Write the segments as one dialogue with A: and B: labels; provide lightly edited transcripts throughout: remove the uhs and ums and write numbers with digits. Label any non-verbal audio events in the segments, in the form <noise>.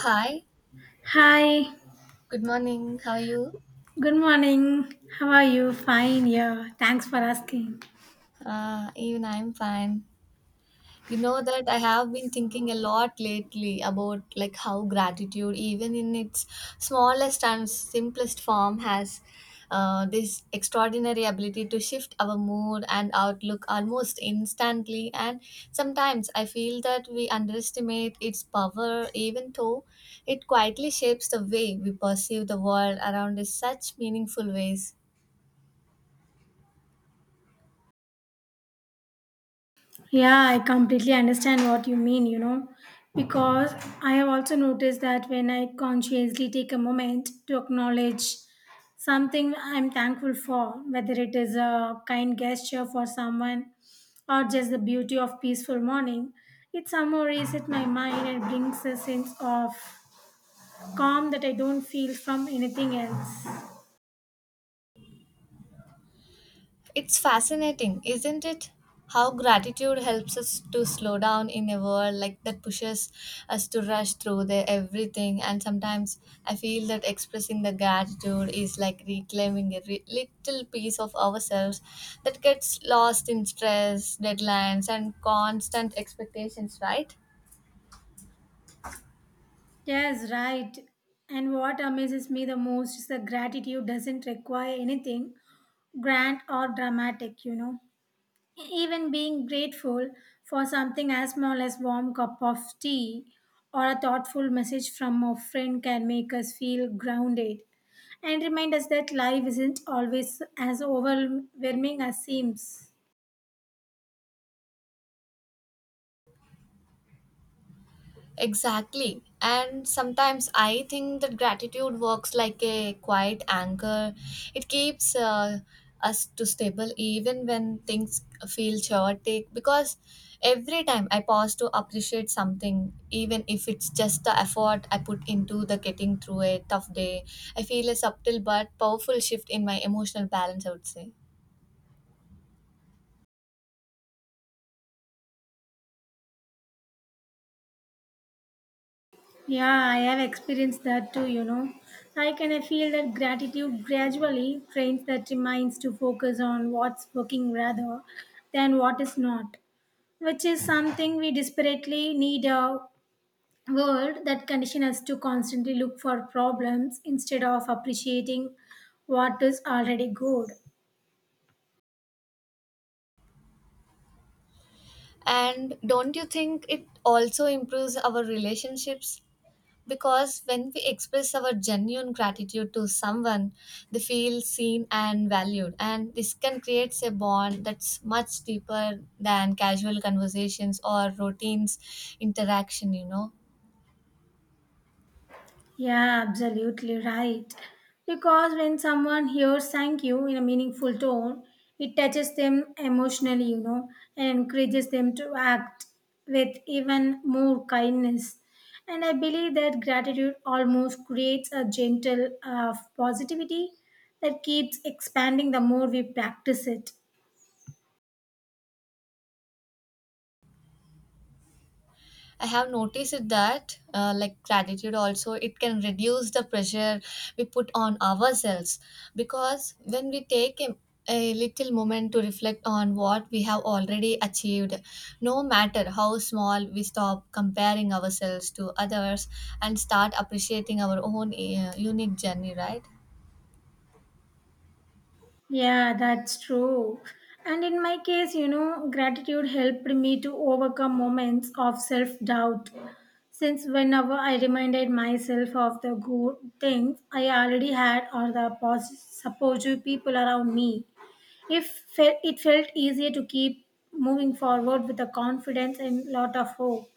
A: Hi,
B: Hi,
A: good morning. How are you?
B: good morning. How are you? Fine, yeah. Thanks for asking.
A: Even I'm fine. You know that I have been thinking a lot lately about like how gratitude, even in its smallest and simplest form, has this extraordinary ability to shift our mood and outlook almost instantly. And sometimes I feel that we underestimate its power, even though it quietly shapes the way we perceive the world around in such meaningful ways.
B: Yeah, I completely understand what you mean, you know, because I have also noticed that when I consciously take a moment to acknowledge something I'm thankful for, whether it is a kind gesture for someone or just the beauty of peaceful morning, it somehow resets my mind and brings a sense of calm that I don't feel from anything else.
A: It's fascinating, isn't it? How gratitude helps us to slow down in a world like that pushes us to rush through the everything. And sometimes I feel that expressing the gratitude is like reclaiming a little piece of ourselves that gets lost in stress, deadlines, and constant expectations. Right?
B: Yes, right. And what amazes me the most is that gratitude doesn't require anything grand or dramatic, you know. Even being grateful for something as small as warm cup of tea or a thoughtful message from a friend can make us feel grounded and remind us that life isn't always as overwhelming as seems.
A: Exactly. And sometimes I think that gratitude works like a quiet anchor. It keeps us to stable even when things feel chaotic because every time I pause to appreciate something, even if it's just the effort I put into the getting through a tough day, I feel a subtle but powerful shift in my emotional balance, I would say.
B: Yeah, I have experienced that too, you know. I can feel that gratitude gradually trains that minds to focus on what's working rather than what is not, which is something we desperately need a world that condition us to constantly look for problems instead of appreciating what is already good.
A: And don't you think it also improves our relationships? Because when we express our genuine gratitude to someone, they feel seen and valued, and this can create a bond that's much deeper than casual conversations or routines interaction, you know.
B: Yeah, absolutely right. Because when someone hears thank you in a meaningful tone, it touches them emotionally, you know, and encourages them to act with even more kindness. And I believe that gratitude almost creates a gentle positivity that keeps expanding the more we practice it.
A: I have noticed it that like gratitude also it can reduce the pressure we put on ourselves because when we a little moment to reflect on what we have already achieved no matter how small we stop comparing ourselves to others and start appreciating our own unique journey, right?
B: Yeah, that's true. And in my case, you know, gratitude helped me to overcome moments of self doubt since whenever I reminded myself of the good things I already had or the supportive people around me, if fe- it felt easier to keep moving forward with the confidence and lot of hope.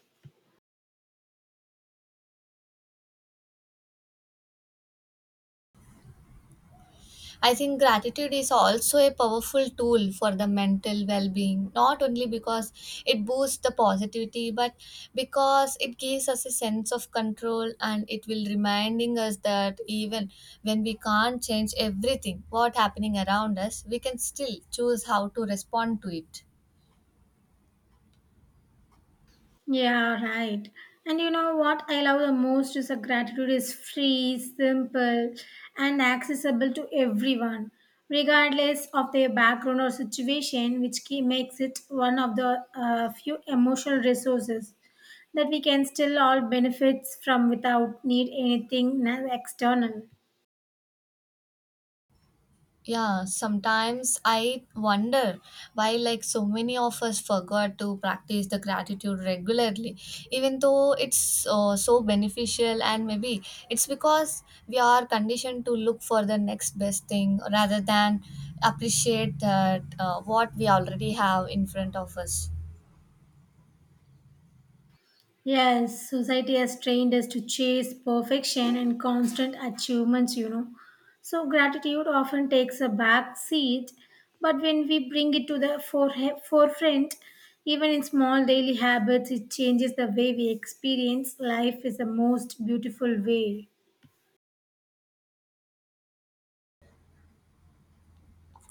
A: I think gratitude is also a powerful tool for the mental well being, not only because it boosts the positivity, but because it gives us a sense of control and it will reminding us that even when we can't change everything, what happening around us, we can still choose how to respond to it.
B: Yeah, right. And you know what I love the most is that gratitude is free, simple, and accessible to everyone, regardless of their background or situation, which key makes it one of the few emotional resources that we can still all benefit from without need anything external.
A: Yeah, sometimes I wonder why, like, so many of us forgot to practice the gratitude regularly, even though it's so beneficial. And maybe it's because we are conditioned to look for the next best thing rather than appreciate that what we already have in front of us.
B: Yes, society has trained us to chase perfection and constant achievements, you know. So gratitude often takes a back seat, but when we bring it to the forefront, even in small daily habits, it changes the way we experience life is the most beautiful way.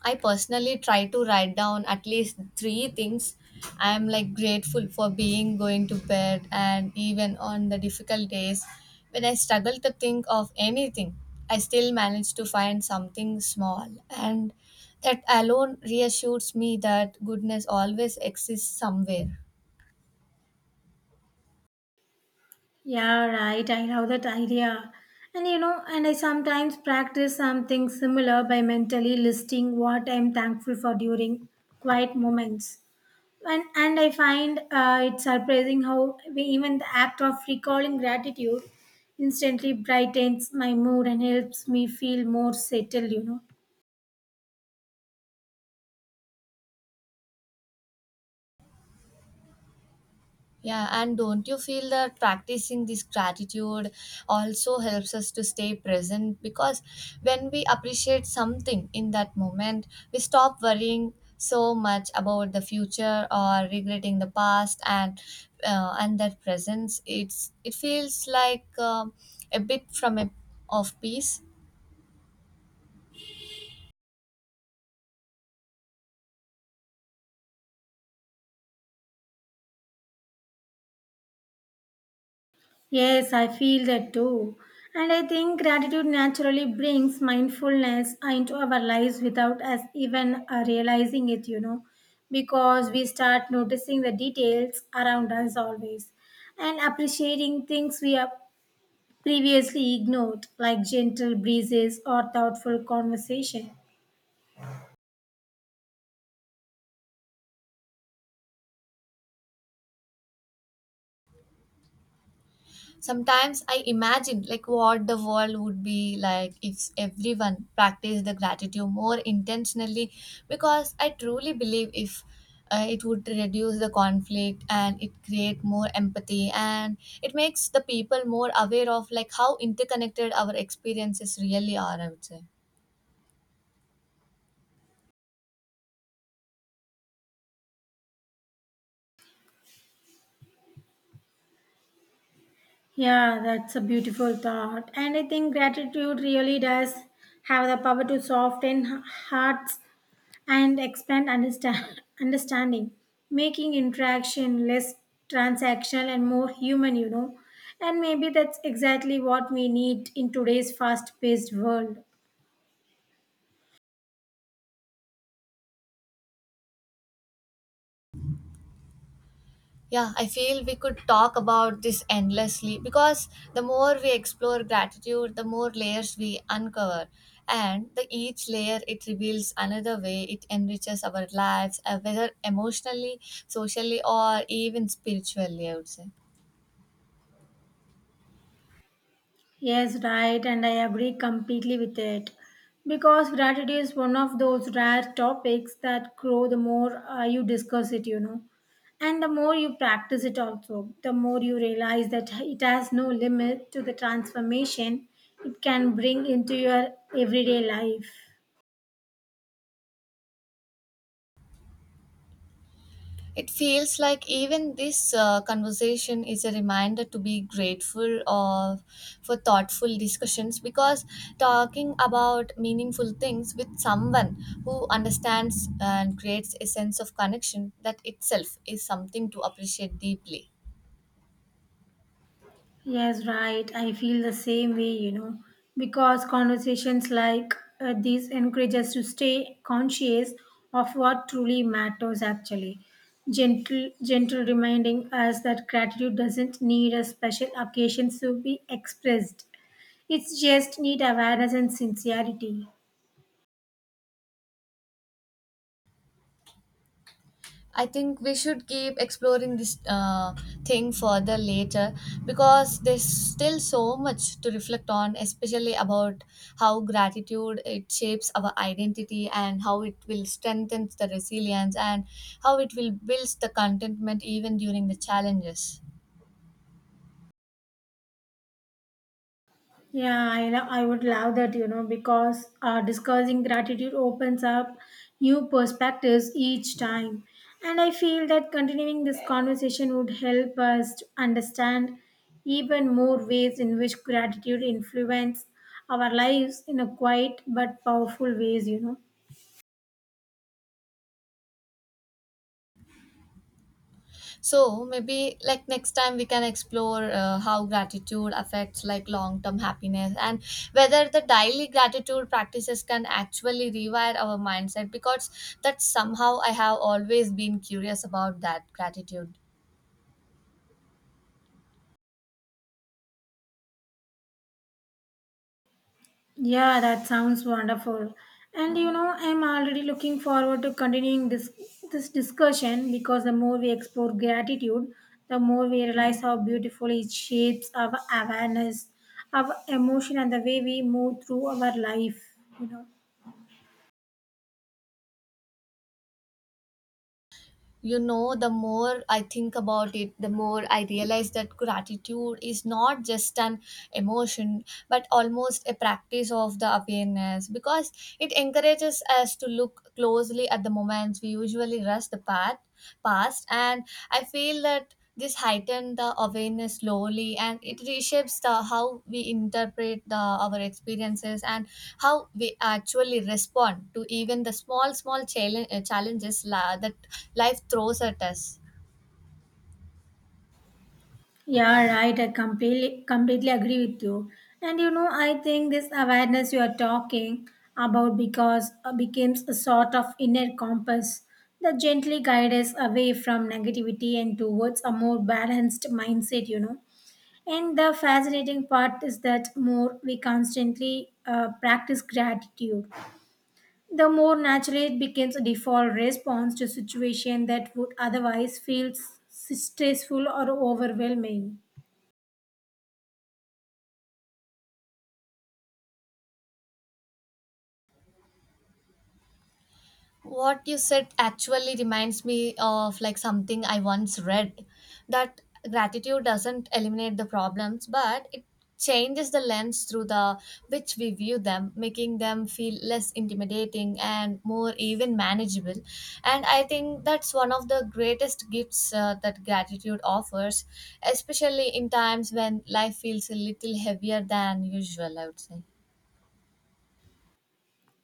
A: I personally try to write down at least three things I'm like grateful for being going to bed and even on the difficult days when I struggle to think of anything, I still manage to find something small and that alone reassures me that goodness always exists somewhere.
B: Yeah, right. I love that idea. And you know, and I sometimes practice something similar by mentally listing what I'm thankful for during quiet moments. And I find it surprising how we, even the act of recalling gratitude instantly brightens my mood and helps me feel more settled, you know.
A: Yeah, and don't you feel that practicing this gratitude also helps us to stay present? Because when we appreciate something in that moment, we stop worrying so much about the future or regretting the past and that presence. It feels like a bit from a of peace.
B: Yes, I feel that too. And I think gratitude naturally brings mindfulness into our lives without us even realizing it, you know, because we start noticing the details around us always and appreciating things we have previously ignored, like gentle breezes or thoughtful conversation.
A: Sometimes I imagine like what the world would be like if everyone practiced the gratitude more intentionally because I truly believe if it would reduce the conflict and it create more empathy and it makes the people more aware of like how interconnected our experiences really are, I would say.
B: Yeah, that's a beautiful thought. And I think gratitude really does have the power to soften hearts and expand <laughs> understanding, making interaction less transactional and more human, you know. And maybe that's exactly what we need in today's fast paced world.
A: Yeah, I feel we could talk about this endlessly because the more we explore gratitude, the more layers we uncover. And the each layer it reveals another way it enriches our lives, whether emotionally, socially, or even spiritually, I would say.
B: Yes, right, and I agree completely with it. Because gratitude is one of those rare topics that grow the more you discuss it, you know. And the more you practice it, also, the more you realize that it has no limit to the transformation it can bring into your everyday life.
A: It feels like even this conversation is a reminder to be grateful of, for thoughtful discussions because talking about meaningful things with someone who understands and creates a sense of connection that itself is something to appreciate deeply.
B: Yes, right. I feel the same way, you know, because conversations like these encourage us to stay conscious of what truly matters actually. Gentle, gentle reminding us that gratitude doesn't need a special occasion to be expressed. It's just need awareness and sincerity.
A: I think we should keep exploring this thing further later because there's still so much to reflect on, especially about how gratitude it shapes our identity and how it will strengthen the resilience and how it will build the contentment even during the challenges.
B: Yeah, I would love that, you know, because discussing gratitude opens up new perspectives each time. And I feel that continuing this conversation would help us to understand even more ways in which gratitude influences our lives in a quiet but powerful ways, you know.
A: So maybe like next time we can explore how gratitude affects like long term happiness and whether the daily gratitude practices can actually rewire our mindset because that's somehow I have always been curious about that gratitude.
B: Yeah, that sounds wonderful. And you know, I'm already looking forward to continuing this discussion because the more we explore gratitude, the more we realize how beautifully it shapes our awareness, our emotion and the way we move through our life, you know.
A: You know, the more I think about it, the more I realize that gratitude is not just an emotion but almost a practice of the awareness because it encourages us to look closely at the moments we usually rush the path past and I feel that this heightens the awareness slowly and it reshapes the how we interpret the our experiences and how we actually respond to even the small challenges la, that life throws at us.
B: Yeah, right. I completely agree with you. And you know, I think this awareness you are talking about because becomes a sort of inner compass that gently guides us away from negativity and towards a more balanced mindset. You know, and the fascinating part is that more we constantly practice gratitude, the more naturally it becomes a default response to situation that would otherwise feel stressful or overwhelming.
A: What you said actually reminds me of like something I once read that gratitude doesn't eliminate the problems but it changes the lens through the which we view them, making them feel less intimidating and more even manageable, and I think that's one of the greatest gifts that gratitude offers, especially in times when life feels a little heavier than usual, I would say.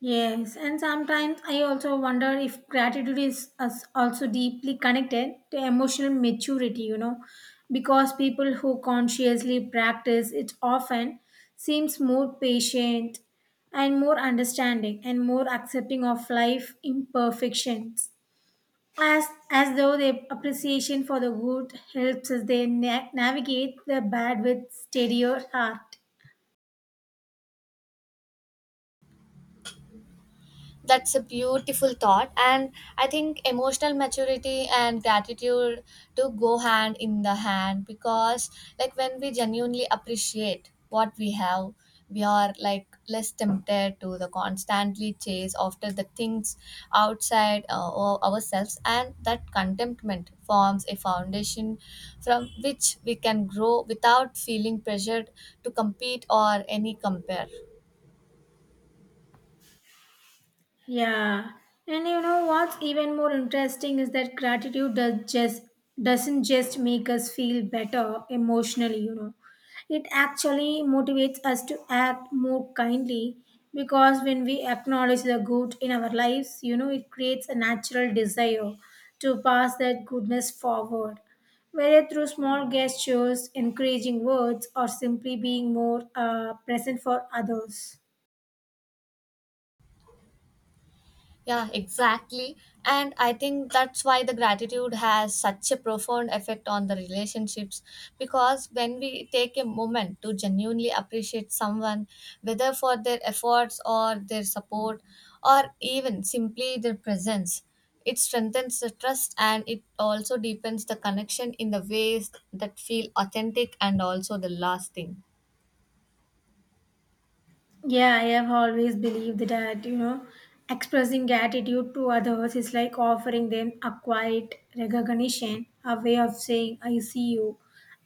B: Yes, and sometimes I also wonder if gratitude is also deeply connected to emotional maturity, you know, because people who consciously practice it often seems more patient and more understanding and more accepting of life imperfections. As though their appreciation for the good helps us they navigate the bad with steadier heart.
A: That's a beautiful thought. And I think emotional maturity and gratitude do go hand in the hand because, like, when we genuinely appreciate what we have, we are like less tempted to the constantly chase after the things outside ourselves and that contentment forms a foundation from which we can grow without feeling pressured to compete or any compare.
B: Yeah, and you know what's even more interesting is that gratitude does just doesn't just make us feel better emotionally, you know. It actually motivates us to act more kindly because when we acknowledge the good in our lives, you know, it creates a natural desire to pass that goodness forward. Whether through small gestures, encouraging words, or simply being more present for others.
A: Yeah, exactly. And I think that's why the gratitude has such a profound effect on the relationships because when we take a moment to genuinely appreciate someone, whether for their efforts or their support or even simply their presence, it strengthens the trust and it also deepens the connection in the ways that feel authentic and also the lasting.
B: Yeah, I have always believed that, you know, expressing gratitude to others is like offering them a quiet recognition, a way of saying, I see you,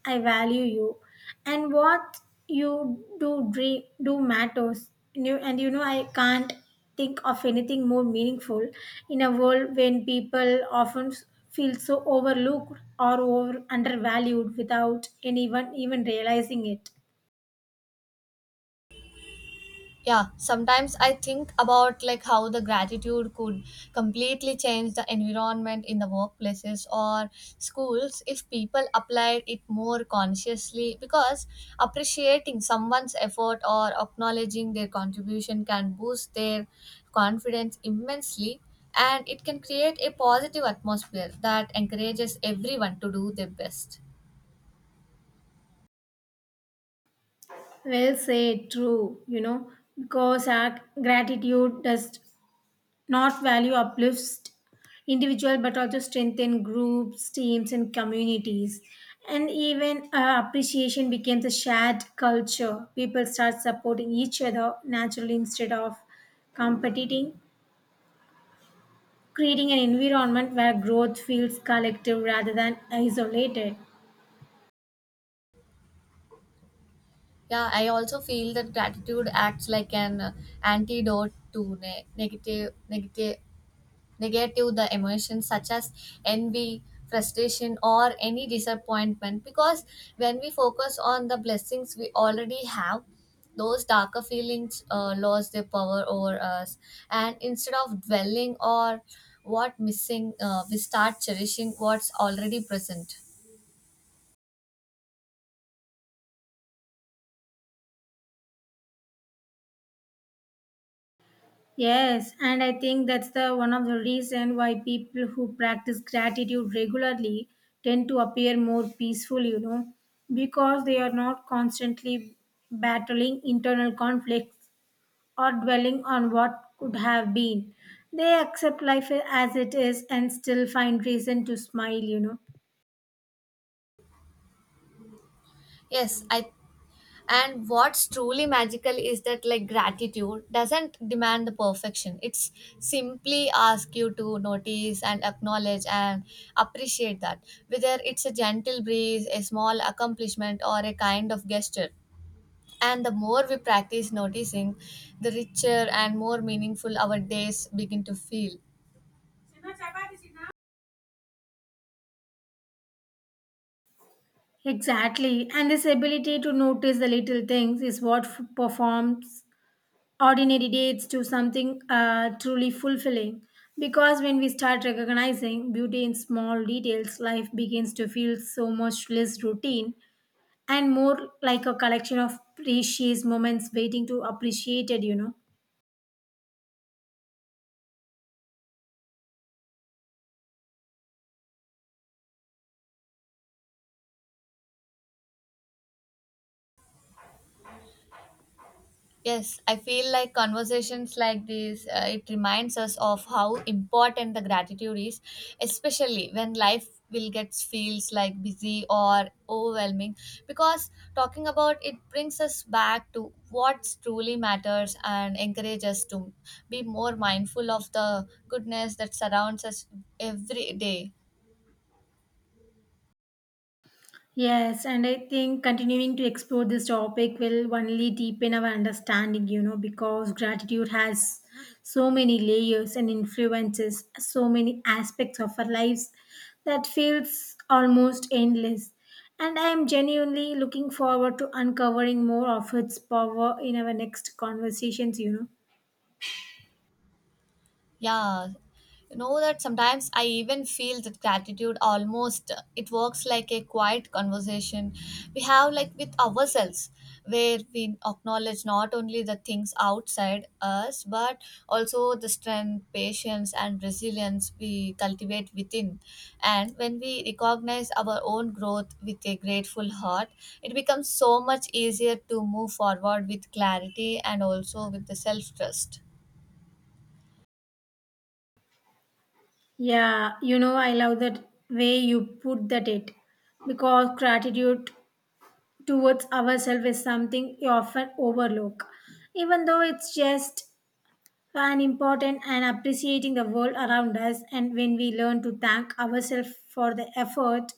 B: I value you, and what do matters. And you know, I can't think of anything more meaningful in a world when people often feel so overlooked or over undervalued without anyone even realizing it.
A: Yeah, sometimes I think about like how the gratitude could completely change the environment in the workplaces or schools if people applied it more consciously because appreciating someone's effort or acknowledging their contribution can boost their confidence immensely and it can create a positive atmosphere that encourages everyone to do their best.
B: Well said, true, you know, because our gratitude does not value uplifts individual but also strengthen groups, teams, and communities. And even appreciation becomes a shared culture. People start supporting each other naturally instead of competing, creating an environment where growth feels collective rather than isolated.
A: Yeah, I also feel that gratitude acts like an antidote to negative the emotions such as envy, frustration, or any disappointment. Because when we focus on the blessings we already have, those darker feelings lose their power over us. And instead of dwelling or what missing, we start cherishing what's already present.
B: Yes, and I think that's the one of the reason why people who practice gratitude regularly tend to appear more peaceful, you know, because they are not constantly battling internal conflicts or dwelling on what could have been. They accept life as it is and still find reason to smile, you know.
A: Yes, I and what's truly magical is that like gratitude doesn't demand the perfection, it's simply ask you to notice and acknowledge and appreciate that whether it's a gentle breeze, a small accomplishment or a kind of gesture, and the more we practice noticing the richer and more meaningful our days begin to feel.
B: Exactly. And this ability to notice the little things is what performs ordinary dates to something truly fulfilling. Because when we start recognizing beauty in small details, life begins to feel so much less routine and more like a collection of precious moments waiting to appreciated, you know.
A: Yes, I feel like conversations like this, it reminds us of how important the gratitude is, especially when life will get feels like busy or overwhelming because talking about it brings us back to what truly matters and encourages us to be more mindful of the goodness that surrounds us every day.
B: Yes, and I think continuing to explore this topic will only deepen our understanding, you know, because gratitude has so many layers and influences so many aspects of our lives that feels almost endless. And I am genuinely looking forward to uncovering more of its power in our next conversations, you know.
A: Yeah, you know that sometimes I even feel that gratitude almost it works like a quiet conversation we have like with ourselves where we acknowledge not only the things outside us but also the strength, patience and resilience we cultivate within. And when we recognize our own growth with a grateful heart, it becomes so much easier to move forward with clarity and also with the self-trust.
B: Yeah, you know, I love that way you put that it because gratitude towards ourselves is something you often overlook, even though it's just an important and appreciating the world around us. And when we learn to thank ourselves for the effort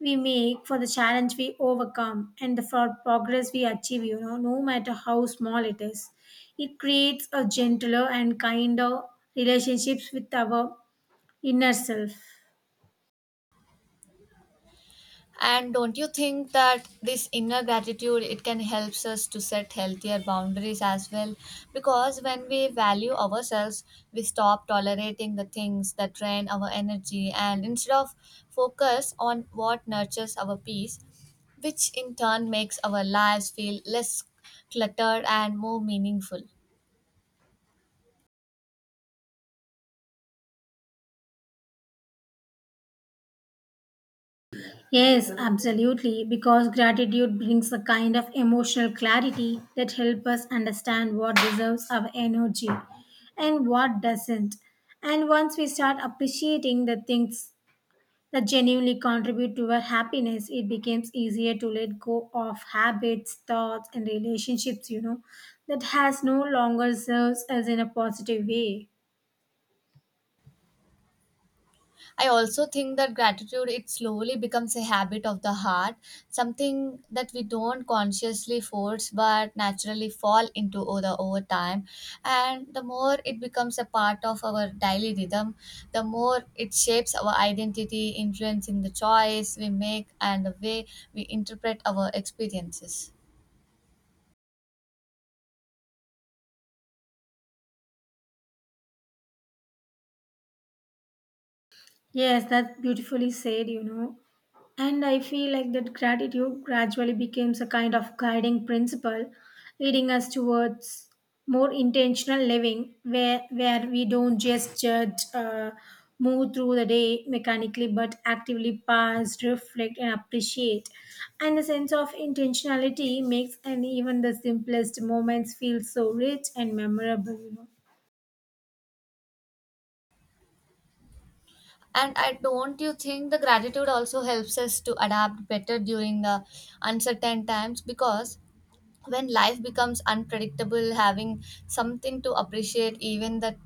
B: we make, for the challenge we overcome, and the for progress we achieve, you know, no matter how small it is, it creates a gentler and kinder relationships with our inner self.
A: And don't you think that this inner gratitude it can helps us to set healthier boundaries as well? Because when we value ourselves, we stop tolerating the things that drain our energy and instead of focus on what nurtures our peace, which in turn makes our lives feel less cluttered and more meaningful.
B: Yes, absolutely, because gratitude brings a kind of emotional clarity that helps us understand what deserves our energy and what doesn't. And once we start appreciating the things that genuinely contribute to our happiness, it becomes easier to let go of habits, thoughts, and relationships, you know, that has no longer serves us in a positive way.
A: I also think that gratitude it slowly becomes a habit of the heart, something that we don't consciously force but naturally fall into over time. And the more it becomes a part of our daily rhythm, the more it shapes our identity, influencing the choice we make and the way we interpret our experiences.
B: Yes, that's beautifully said, you know. And I feel like that gratitude gradually becomes a kind of guiding principle, leading us towards more intentional living, where we don't just judge, move through the day mechanically, but actively pause, reflect, and appreciate. And the sense of intentionality makes and even the simplest moments feel so rich and memorable, you know.
A: And I don't you think the gratitude also helps us to adapt better during the uncertain times because when life becomes unpredictable, having something to appreciate even the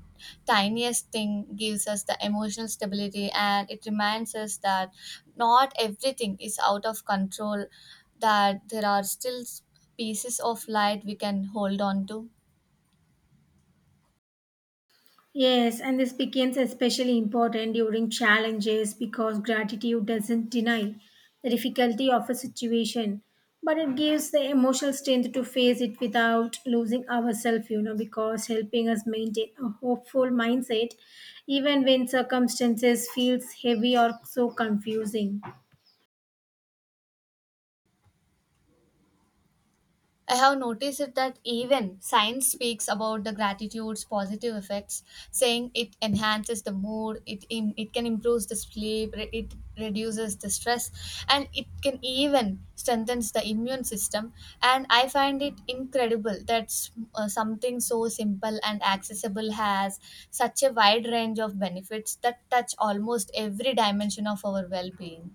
A: tiniest thing gives us the emotional stability and it reminds us that not everything is out of control, that there are still pieces of light we can hold on to.
B: Yes, and this becomes especially important during challenges because gratitude doesn't deny the difficulty of a situation, but it gives the emotional strength to face it without losing ourselves, you know, because helping us maintain a hopeful mindset even when circumstances feels heavy or so confusing.
A: I have noticed it that even science speaks about the gratitude's positive effects, saying it enhances the mood, it can improve the sleep, it reduces the stress, and it can even strengthens the immune system. And I find it incredible that something so simple and accessible has such a wide range of benefits that touch almost every dimension of our well-being.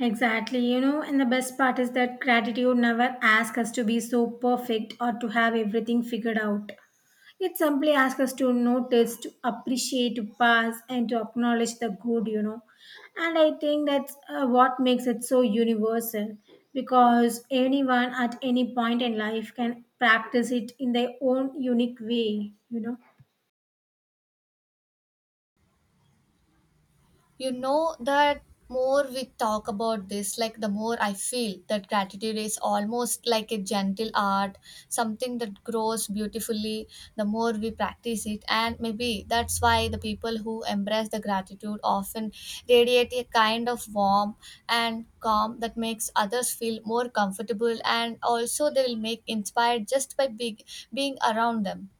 B: Exactly, you know, and the best part is that gratitude never asks us to be so perfect or to have everything figured out. It simply asks us to notice, to appreciate, to pass, and to acknowledge the good, you know. And I think that's what makes it so universal because anyone at any point in life can practice it in their own unique way, you know.
A: You know that more we talk about this, like the more I feel that gratitude is almost like a gentle art, something that grows beautifully the more we practice it, and maybe that's why the people who embrace the gratitude often radiate a kind of warmth and calm that makes others feel more comfortable and also they will make inspired just by big, being around them.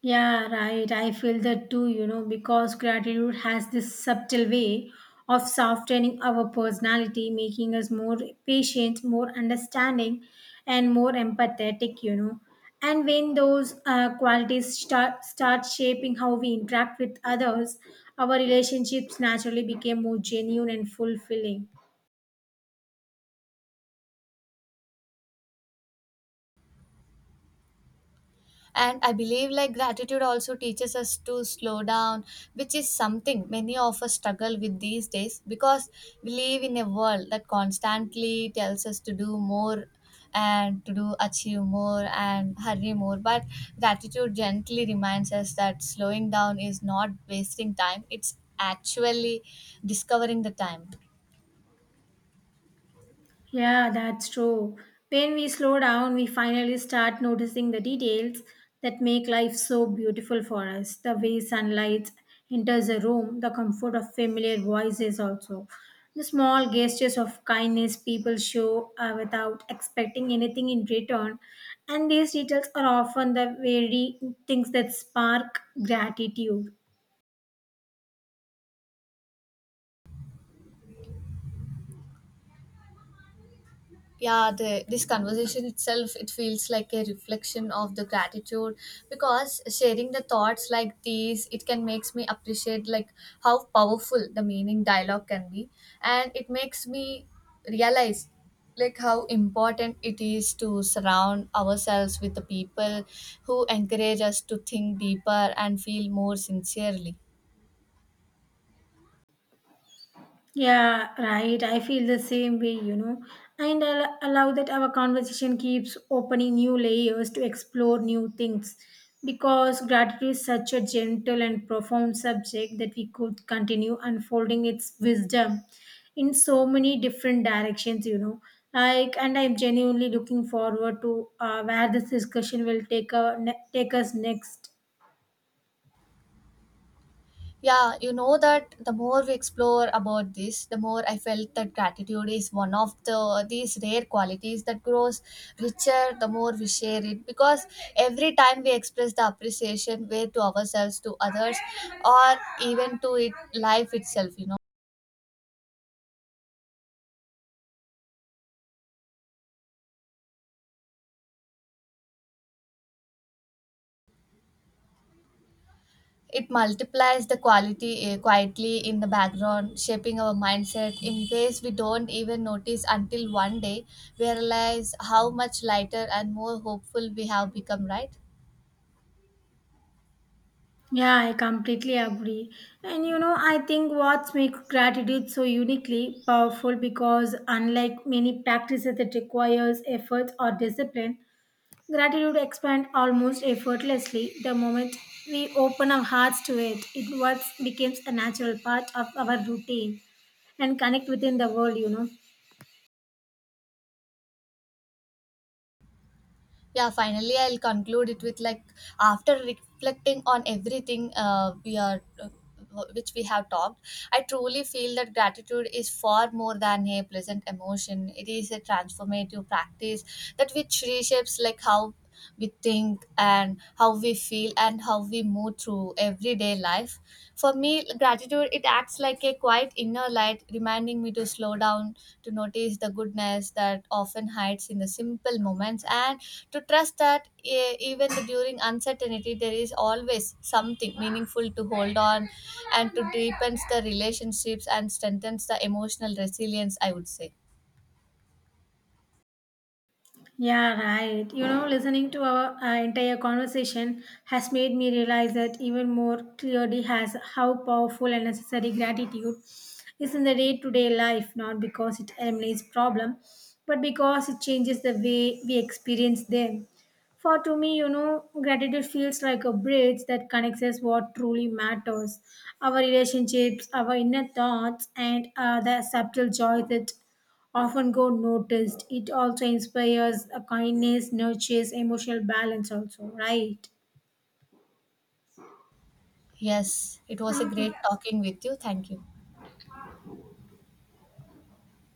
B: Yeah, right. I feel that too, you know, because gratitude has this subtle way of softening our personality, making us more patient, more understanding, and more empathetic, you know. And when those qualities start shaping how we interact with others, our relationships naturally become more genuine and fulfilling.
A: And I believe like gratitude also teaches us to slow down, which is something many of us struggle with these days because we live in a world that constantly tells us to do more and to do achieve more and hurry more, but gratitude gently reminds us that slowing down is not wasting time, it's actually discovering the time.
B: Yeah, that's true. When we slow down, we finally start noticing the details that make life so beautiful for us. The way sunlight enters a room, the comfort of familiar voices, also. The small gestures of kindness people show without expecting anything in return. And these details are often the very things that spark gratitude.
A: This conversation itself it feels like a reflection of the gratitude because sharing the thoughts like these it can makes me appreciate like how powerful the meaning dialogue can be and it makes me realize like how important it is to surround ourselves with the people who encourage us to think deeper and feel more sincerely.
B: Yeah, right. I feel the same way, you know. And I allow that our conversation keeps opening new layers to explore new things because gratitude is such a gentle and profound subject that we could continue unfolding its wisdom in so many different directions, you know. Like, and I'm genuinely looking forward to where this discussion will take us next.
A: Yeah, you know that the more we explore about this, the more I felt that gratitude is one of the these rare qualities that grows richer the more we share it because every time we express the appreciation way to ourselves, to others, or even to it life itself, you know. It multiplies the quality quietly in the background, shaping our mindset in ways we don't even notice until one day we realize how much lighter and more hopeful we have become, right?
B: Yeah, I completely agree. And you know, I think what makes gratitude so uniquely powerful because unlike many practices that requires effort or discipline, gratitude expands almost effortlessly the moment we open our hearts to it. It what becomes a natural part of our routine and connect within the world, you know.
A: Yeah, finally I'll conclude it with like after reflecting on everything we are which we have talked, I truly feel that gratitude is far more than a pleasant emotion, it is a transformative practice that which reshapes like how we think and how we feel and how we move through everyday life. For me gratitude it acts like a quiet inner light, reminding me to slow down, to notice the goodness that often hides in the simple moments and to trust that even during uncertainty there is always something meaningful to hold on and to deepens the relationships and strengthens the emotional resilience, I would say.
B: Yeah, right. You know, listening to our entire conversation has made me realize that even more clearly has how powerful and necessary gratitude is in the day-to-day life, not because it eliminates problem, but because it changes the way we experience them. For to me, you know, gratitude feels like a bridge that connects us what truly matters, our relationships, our inner thoughts, and the subtle joy that often go noticed. It also inspires a kindness, nurtures emotional balance, also, right?
A: Yes, it was a
B: Thank you.
A: great talking with you. Thank you.